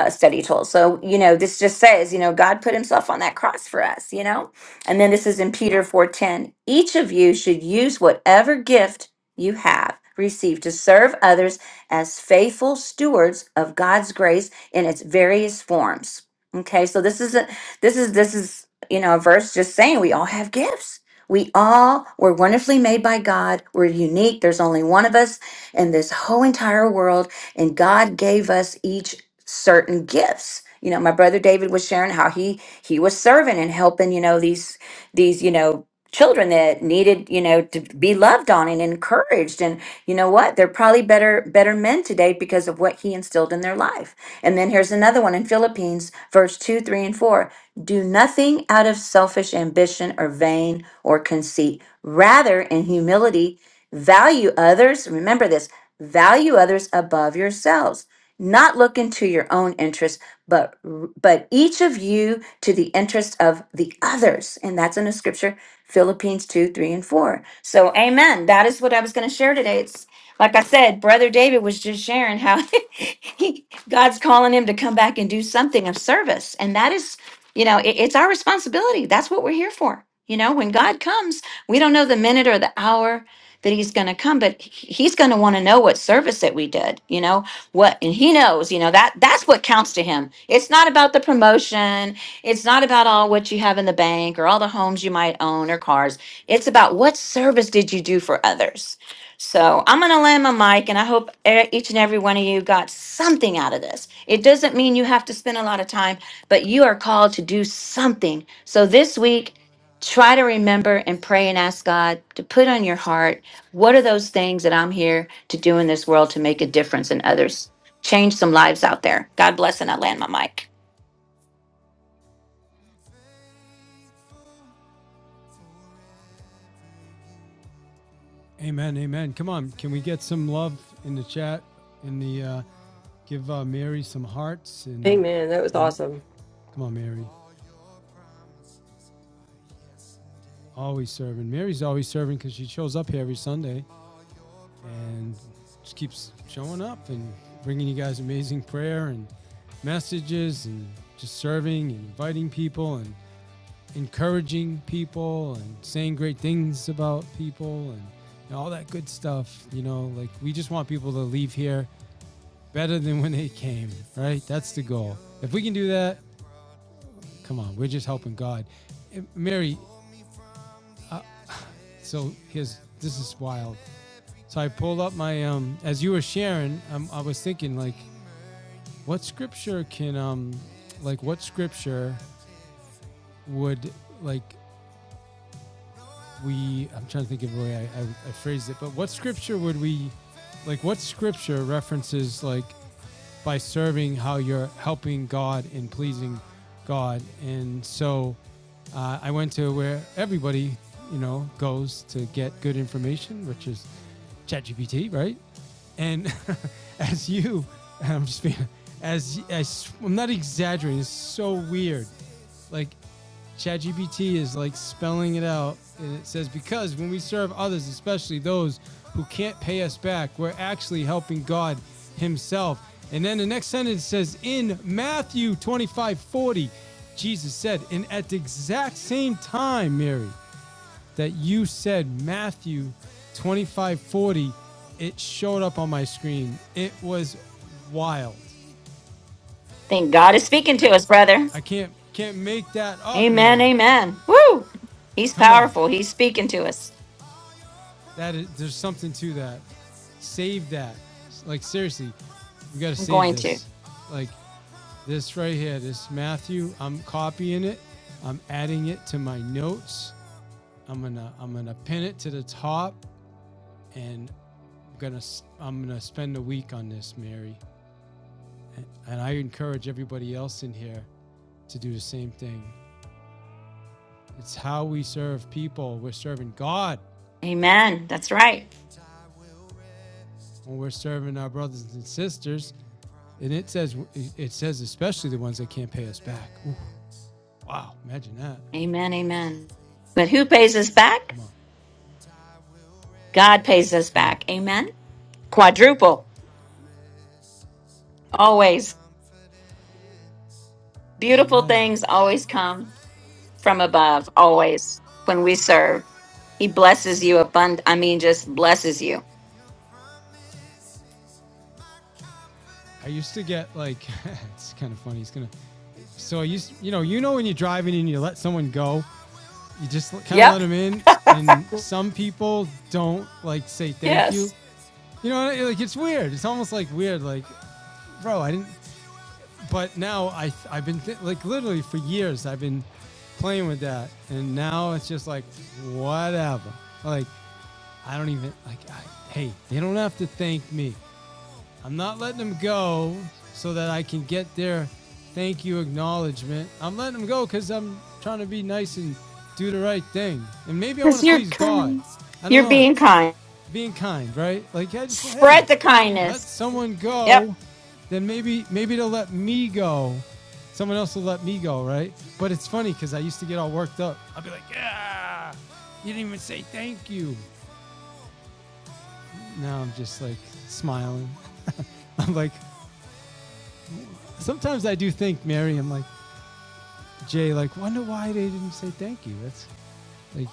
uh, study tools. So, you know, this just says, you know, God put himself on that cross for us, you know? And then this is in Peter 4:10. Each of you should use whatever gift you have received to serve others as faithful stewards of God's grace in its various forms. Okay? So this isn't this is this is, you know, a verse just saying we all have gifts. We all were wonderfully made by God. We're unique. There's only one of us in this whole entire world and God gave us each certain gifts. You know, my brother David was sharing how he he was serving and helping, you know, these these, you know, children that needed, you know, to be loved on and encouraged. And you know what? They're probably better, better men today because of what he instilled in their life. And then here's another one in Philippines, verse two, three, and four. Do nothing out of selfish ambition or vain or conceit. Rather, in humility, value others. Remember this value others above yourselves not looking to your own interest, but but each of you to the interest of the others. And that's in the scripture, Philippines 2, 3, and 4. So amen. That is what I was going to share today. It's like I said, Brother David was just sharing how (laughs) he, God's calling him to come back and do something of service. And that is, you know, it- it's our responsibility. That's what we're here for. You know, when God comes, we don't know the minute or the hour that he's going to come, but he- he's going to want to know what service that we did, you know, what and he knows you know that that's what counts to him it's not about the promotion it's not about all what you have in the bank or all the homes you might own or cars it's about what service did you do for others so i'm going to land my mic and i hope e- each and every one of you got something out of this it doesn't mean you have to spend a lot of time but you are called to do something so this week try to remember and pray and ask god to put on your heart what are those things that I'm here to do in this world to make a difference in others? Change some lives out there. God bless, and I land my mic. Amen. Amen. Come on. Can we get some love in the chat? In the, uh, give uh, Mary some hearts. And Amen. That was awesome. come on, Mary. Always serving. Mary's always serving because she shows up here every Sunday. and just keeps showing up and bringing you guys amazing prayer and messages and just serving and inviting people and encouraging people and saying great things about people and and all that good stuff. You know, like we just want people to leave here better than when they came, right? That's the goal. If we can do that, come on, we're just helping God. And Mary, uh, so here's this is wild. So I pulled up my um as you were sharing, um, I was thinking like What scripture can um like what scripture would like we I'm trying to think of the way I, I, I phrased it, but what scripture would we like what scripture references like by serving how you're helping God and pleasing God and so uh, I went to where everybody you know goes to get good information, which is ChatGPT, right? And (laughs) as you, I'm just being, as, as I'm not exaggerating, it's so weird. Like ChatGPT is like spelling it out, and it says because when we serve others, especially those who can't pay us back, we're actually helping God Himself. And then the next sentence says in Matthew 25:40, Jesus said, and at the exact same time, Mary, that you said Matthew 2540, it showed up on my screen. It was wild. Thank God is speaking to us, brother. I can't can't make that up, Amen. Mary. Amen. Woo! He's Come on. powerful. He's speaking to us. That is, there's something to that. Save that. Like seriously, we got to I'm save going to. this. Like this right here, this Matthew, I'm copying it. I'm adding it to my notes. I'm going to I'm going to pin it to the top and I'm going to I'm going to spend a week on this, Mary. and I encourage everybody else in here to do the same thing. It's how we serve people. We're serving God Amen. That's right. when we're serving our brothers and sisters. And it says, it says especially the ones that can't pay us back. Ooh, wow, imagine that. Amen. Amen. But who pays us back? Come on, God pays us come on. back. Amen. Quadruple. Always. Beautiful Amen. things always come from above always when we serve. He blesses you abund I mean just blesses you. I used to get like, (laughs) it's kind of funny. It's gonna. So I used, you know, you know when you're driving and you let someone go, you just kind of let Yep. them in, and some people don't like say thank you. Yes. You know, like it's weird. It's almost like weird. Like bro, I didn't. But now I I've been th- like literally for years I've been playing with that, and now it's just like whatever. Like I don't even like. I, hey, they don't have to thank me. I'm not letting them go so that I can get their thank you acknowledgement. I'm letting them go because I'm trying to be nice and do the right thing, and maybe I want Because to you're please God. kind. I don't You're know being kind. being kind, right? Like, yeah, I just want, hey, Spread the let kindness. someone Yep. go, then maybe maybe they'll let me go. Someone else will let me go, right? But it's funny because I used to get all worked up. I'd be like, yeah, you didn't even say thank you. Now I'm just like smiling. (laughs) I'm like, sometimes I do think, Mary, I'm like, Jay, like, wonder why they didn't say thank you. That's like,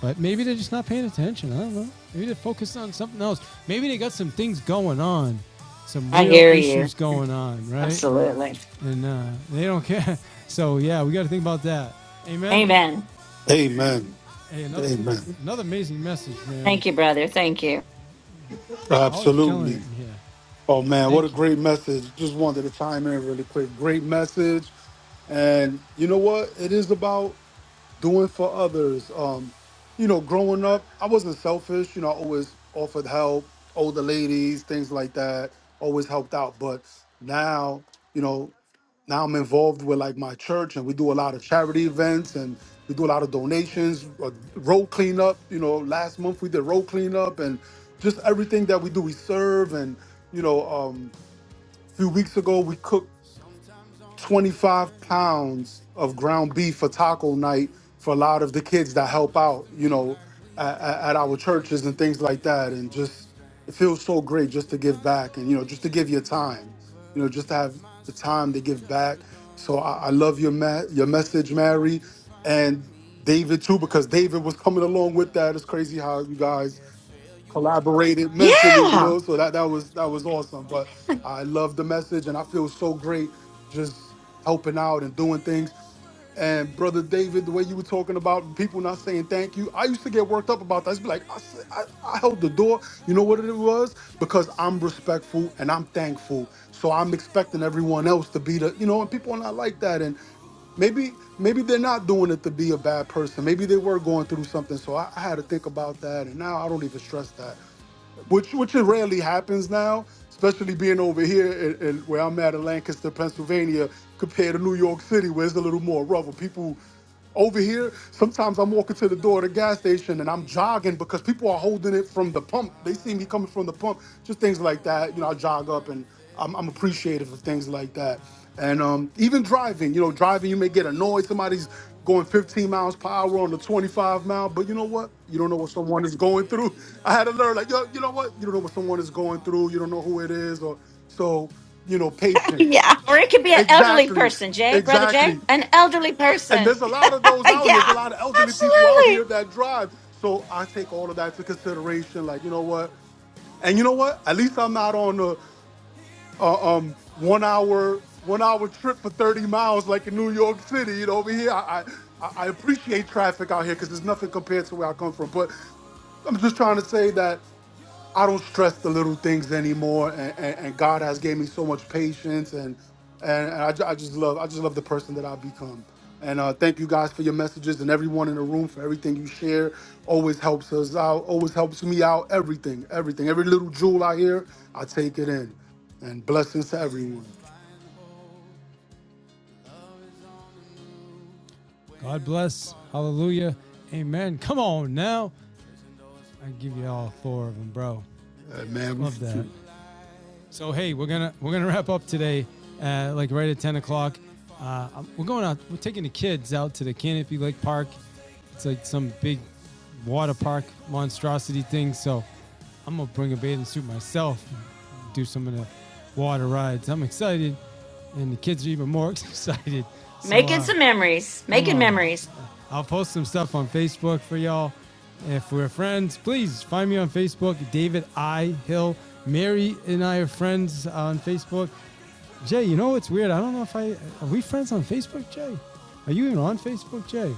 But maybe they're just not paying attention. I don't know. Maybe they're focused on something else. Maybe they got some things going on, some I real hear you. issues going on, right? Absolutely. And uh, they don't care. (laughs) So yeah, we got to think about that. Amen. Amen. Amen. Hey, another Amen. another amazing message, Mary. Thank you, brother. Thank you. Always killing it Absolutely. in here. Oh man, what a Thank you. great message. Just wanted to chime in really quick. Great message. And you know what? It is about doing for others. Um, you know, growing up, I wasn't selfish, you know, I always offered help, older ladies, things like that, always helped out. But now, you know, now I'm involved with like my church, and we do a lot of charity events, and we do a lot of donations, uh, road cleanup. You know, last month we did road cleanup, and just everything that we do, we serve, and you know, um, a few weeks ago we cooked 25 pounds of ground beef for taco night for a lot of the kids that help out, you know, at, at our churches and things like that. And just, it feels so great just to give back and, you know, just to give your time, you know, just to have the time to give back. So I, I love your, ma- your message, Mary, and David too, because David was coming along with that. It's crazy how you guys collaborated mentally, you Yeah. know. (laughs) So that that was that was awesome. But I love the message, and I feel so great just helping out and doing things. And brother David, the way you were talking about people not saying thank you, I used to get worked up about that. I used to be like, I, s- I, I held the door. You know what it was? Because I'm respectful and I'm thankful. So I'm expecting everyone else to be the, you know, and people are not like that. And maybe maybe they're not doing it to be a bad person. Maybe they were going through something. So I, I had to think about that. And now I don't even stress that which which it rarely happens now, especially being over here and where I'm at in Lancaster, Pennsylvania, compared to New York City, where it's a little more rougher. People over here, sometimes I'm walking to the door of the gas station and I'm jogging because people are holding it from the pump. They see me coming from the pump, just things like that. You know, I jog up and I'm, I'm appreciative of things like that. And um, even driving, you know, driving, you may get annoyed. Somebody's going 15 miles per hour on the 25 mile, but you know what? You don't know what someone is going through. (laughs) I had to learn, like, yo, you know what? You don't know what someone is going through. You don't know who it is. Or so, you know, patience. Yeah. Or it could be an elderly Exactly. person, Jay. Brother Jay. Exactly. An elderly And person. there's a lot of (laughs) those out here. There's a yeah. lot of elderly people out here Absolutely. that drive. So I take all of that into consideration. Like, you know what? And you know what? At least I'm not on a, a um one hour one hour trip for 30 miles like in New York City. You know, over here, I I, I I appreciate traffic out here because there's nothing compared to where I come from. But I'm just trying to say that I don't stress the little things anymore, and, and, and God has gave me so much patience, and and, and I, ju- I just love I just love the person that I've become. And uh, thank you guys for your messages and everyone in the room for everything you share. Always helps us out. Always helps me out. Everything, everything, every little jewel I hear, I take it in. And blessings to everyone. God bless. Hallelujah. Amen. Come on now. I give you all four of them, bro. Uh, man, we Love that. shoot. So hey, we're gonna we're gonna wrap up today, uh, like right at ten o'clock. Uh, um, we're going out. We're taking the kids out to the Canopy Lake Park. It's like some big water park monstrosity thing. So I'm gonna bring a bathing suit myself, do some of the water rides. I'm excited, and the kids are even more (laughs) excited. So Making uh, some memories. come Making on, memories. I'll post some stuff on Facebook for y'all. If we're friends, please find me on Facebook, David I Hill. Mary and I are friends on Facebook. Jay, you know what's weird? I don't know if I are we friends on Facebook, Jay? Are you even on Facebook, Jay?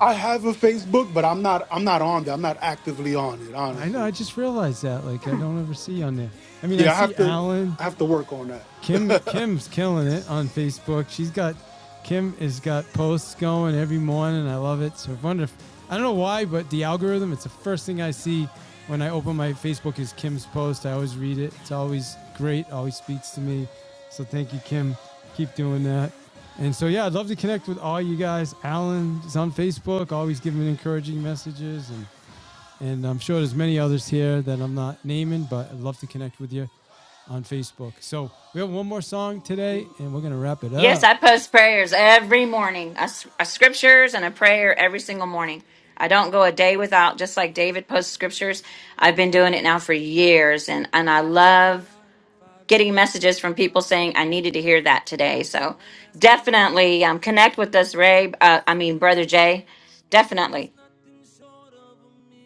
I have a Facebook, but I'm not I'm not on there. I'm not actively on it, I know. I honestly. just realized that. Like, I don't ever see you on there. I mean, I Yeah, I see have to Alan. I have to work on Kim that. (laughs) Kim's killing it on Facebook. She's got Kim has got posts going every morning. I love it. So I wonder if I don't know why, but the algorithm, it's the first thing I see when I open my Facebook is Kim's post. I always read it. It's always great, always speaks to me. So thank you, Kim. Keep doing that. And so yeah, I'd love to connect with all you guys. Alan is on Facebook, always giving encouraging messages and and I'm sure there's many others here that I'm not naming, but I'd love to connect with you on Facebook. So we have one more song today, and we're gonna wrap it Yes, up. I post prayers every morning. I s- I scriptures and a prayer every single morning. I don't go a day without, just like David posts scriptures. I've been doing it now for years and, and I love getting messages from people saying I needed to hear that today. So definitely um, connect with us, Ray. Uh, I mean, Brother Jay. Definitely.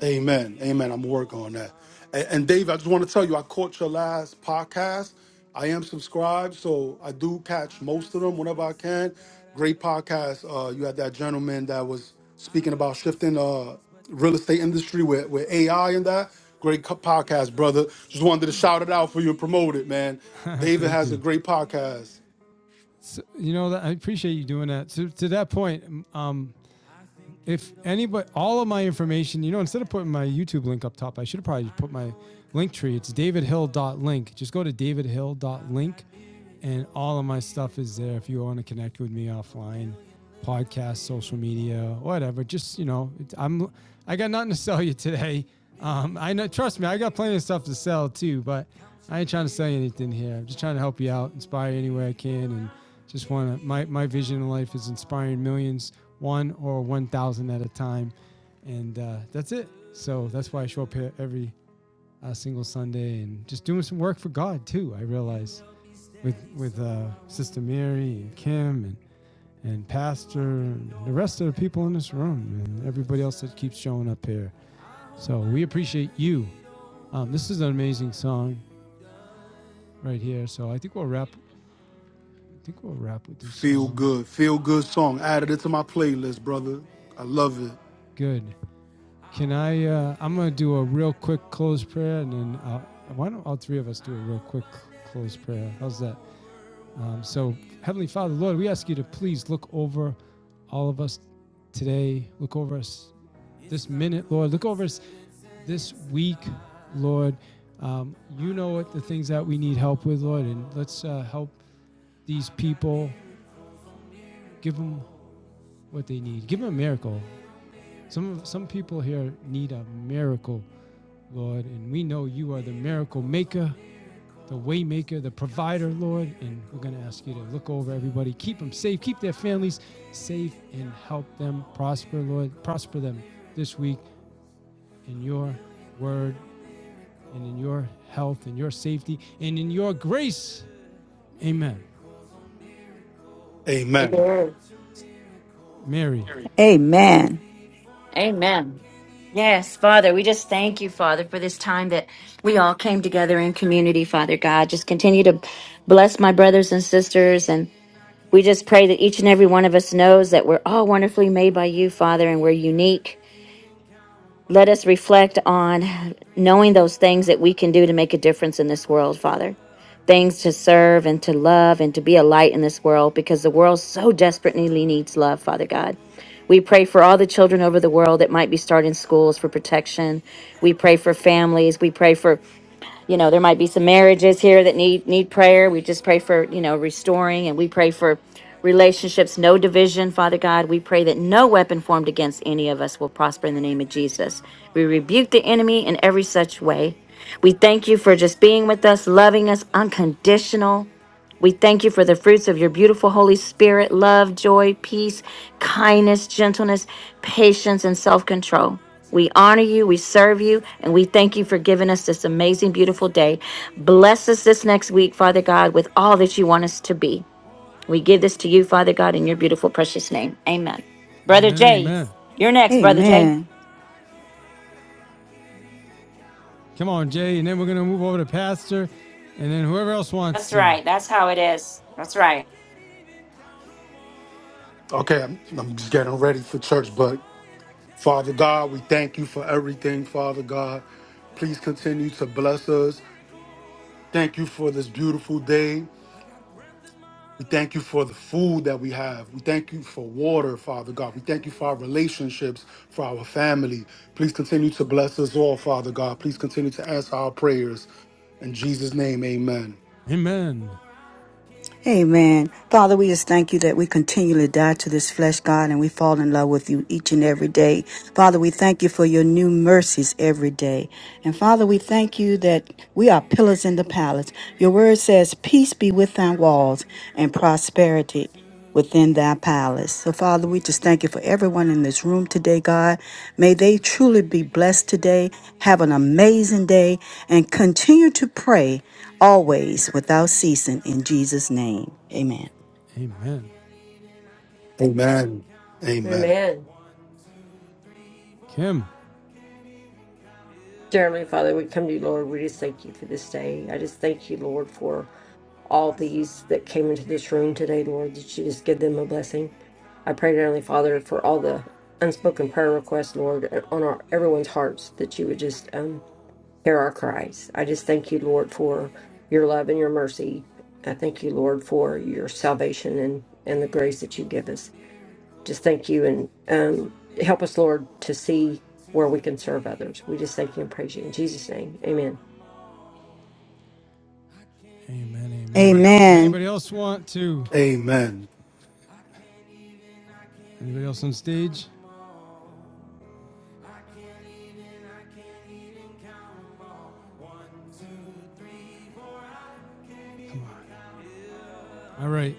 Amen. Amen. I'm working on that. And, and Dave, I just want to tell you, I caught your last podcast. I am subscribed, so I do catch most of them whenever I can. Great podcast. Uh, you had that gentleman that was speaking about shifting uh real estate industry with, with AI and that. Great co- podcast, brother. Just wanted to shout it out for you and promote it, man. (laughs) David Thank has a you. great podcast. So, you know, that- I appreciate you doing that. So to that point, um, if anybody, all of my information, you know, instead of putting my YouTube link up top, I should have probably put my link tree. It's davidhill.link. Just go to davidhill.link and all of my stuff is there. If you want to connect with me offline, podcast, social media, whatever. Just you know, I'm I got nothing to sell you today. Um, I know, trust me, I got plenty of stuff to sell too, but I ain't trying to sell you anything here. I'm just trying to help you out, inspire you any way I can, and just want to. My my vision in life is inspiring millions, one or one thousand at a time, and uh, that's it. So that's why I show up here every uh, single Sunday and just doing some work for God too. I realize with with uh, Sister Mary and Kim and and Pastor and the rest of the people in this room and everybody else that keeps showing up here. So we appreciate you. Um, this is an amazing song right here. So I think we'll wrap. I think we'll wrap with this Feel song. good. Feel good song. Added it to my playlist, brother. I love it. Good. Can I? Uh, I'm gonna do a real quick close prayer, and then uh, why don't all three of us do a real quick close prayer? How's that? Um, so Heavenly Father, Lord, we ask you to please look over all of us today. Look over us this minute, Lord. Look over us this week, Lord. Um, you know what the things that we need help with, Lord, and let's uh, help these people. Give them what they need. Give them a miracle. Some some people here need a miracle, Lord, and we know you are the miracle maker, the way maker, the provider, Lord. And we're gonna ask you to look over everybody, keep them safe, keep their families safe, and help them prosper, Lord. Prosper them this week in your word and in your health and your safety and in your grace. Amen. Amen. Mary. Amen. Amen. Yes, Father, we just thank you, Father, for this time that we all came together in community, Father God. Just continue to bless my brothers and sisters We just pray that each and every one of us knows that we're all wonderfully made by you, Father, and we're unique. Let us reflect on knowing those things that we can do to make a difference in this world, Father. Things to serve and to love and to be a light in this world because the world so desperately needs love, Father God. We pray for all the children over the world that might be starting schools for protection. We pray for families. We pray for you know there might be some marriages here that need need prayer we just pray for you know restoring and we pray for relationships no division father god we pray that no weapon formed against any of us will prosper in the name of jesus we rebuke the enemy in every such way we thank you for just being with us loving us unconditional we thank you for the fruits of your beautiful Holy Spirit love, joy, peace, kindness, gentleness, patience, and self control. We honor you, we serve you, and we thank you for giving us this amazing, beautiful day. Bless us this next week, Father God, with all that you want us to be. We give this to you, Father God, in your beautiful, precious name. Amen. Brother Amen. Jay, Amen. you're next, Brother Jay. Amen. Come on, Jay. And then we're going to move over to Pastor and then whoever else wants That's to. right. That's how it is. That's right. Okay, I'm, I'm just getting ready for church, but Father God, we thank you for everything, Father God. Please continue to bless us. Thank you for this beautiful day. We thank you for the food that we have. We thank you for water, Father God. We thank you for our relationships, for our family. Please continue to bless us all, Father God. Please continue to answer our prayers. In Jesus' name, amen. Amen. Amen. Father, we just thank you that we continually die to this flesh, God, and we fall in love with you each and every day. Father, we thank you for your new mercies every day. And Father, we thank you that we are pillars in the palace. Your word says, Peace be within walls and prosperity within thy palace. So, Father, we just thank you for everyone in this room today, God. May they truly be blessed today. Have an amazing day and continue to pray always without ceasing in Jesus' name. Amen. Amen. Amen. Amen. Amen. Kim. Dear Heavenly Father, we come to you, Lord. We just thank you for this day. I just thank you, Lord, for all these that came into this room today, Lord, that you just give them a blessing. I pray, Dear Heavenly Father, for all the unspoken prayer requests, Lord, and on our everyone's hearts, that you would just um, hear our cries. I just thank you, Lord, for your love and your mercy. I thank you, Lord, for your salvation and, and the grace that you give us. Just thank you and um, help us, Lord, to see where we can serve others. We just thank you and praise you in Jesus' name. Amen. Amen. Amen. Amen. Anybody else want to Amen. Anybody else on stage? Come on. All right.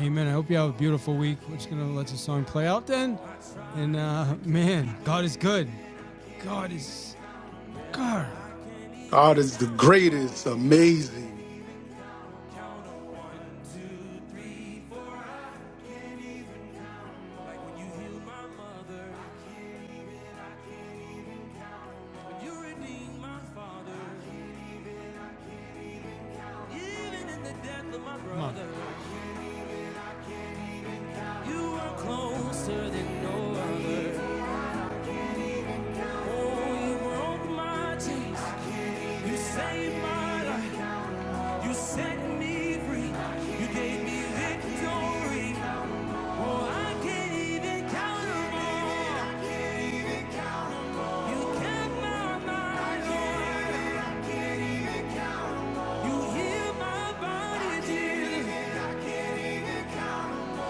Amen. I hope you have a beautiful week. We're just going to let the song play out then. And uh, man, God is good. God is. God. God is the greatest, amazing. Come on.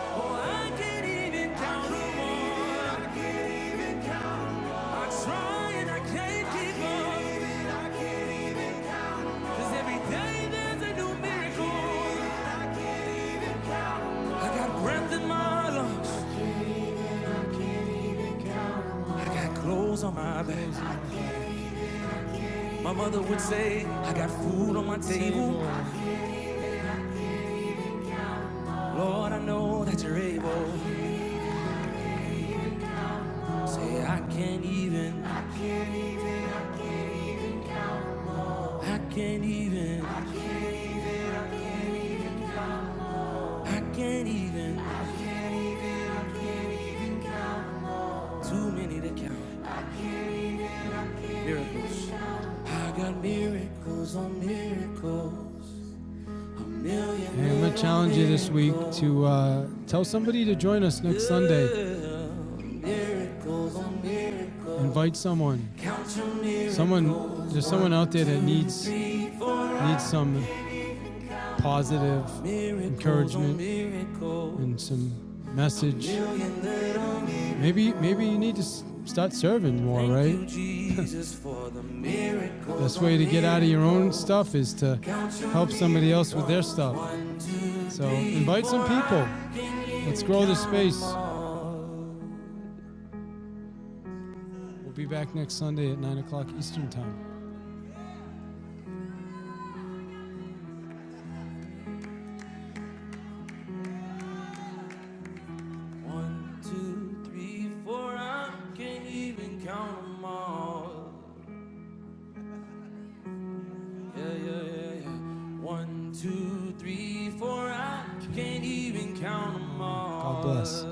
Oh, no on my back. My mother would say, I got food on my table. Lord, I know that you're able. Say, I can't even, I can't even, I can't even. Too many to count. Miracles. I got miracles on miracles. Hey, I'm gonna challenge you this week to uh, tell somebody to join us next Sunday. Invite someone. Someone, there's someone out there that needs needs some positive encouragement and some message. Maybe maybe you need to start serving more, right? (laughs) Best way to get out of your own stuff is to help somebody else with their stuff. So invite some people. Let's grow this space. We'll be back next Sunday at 9 o'clock Eastern Time. God bless.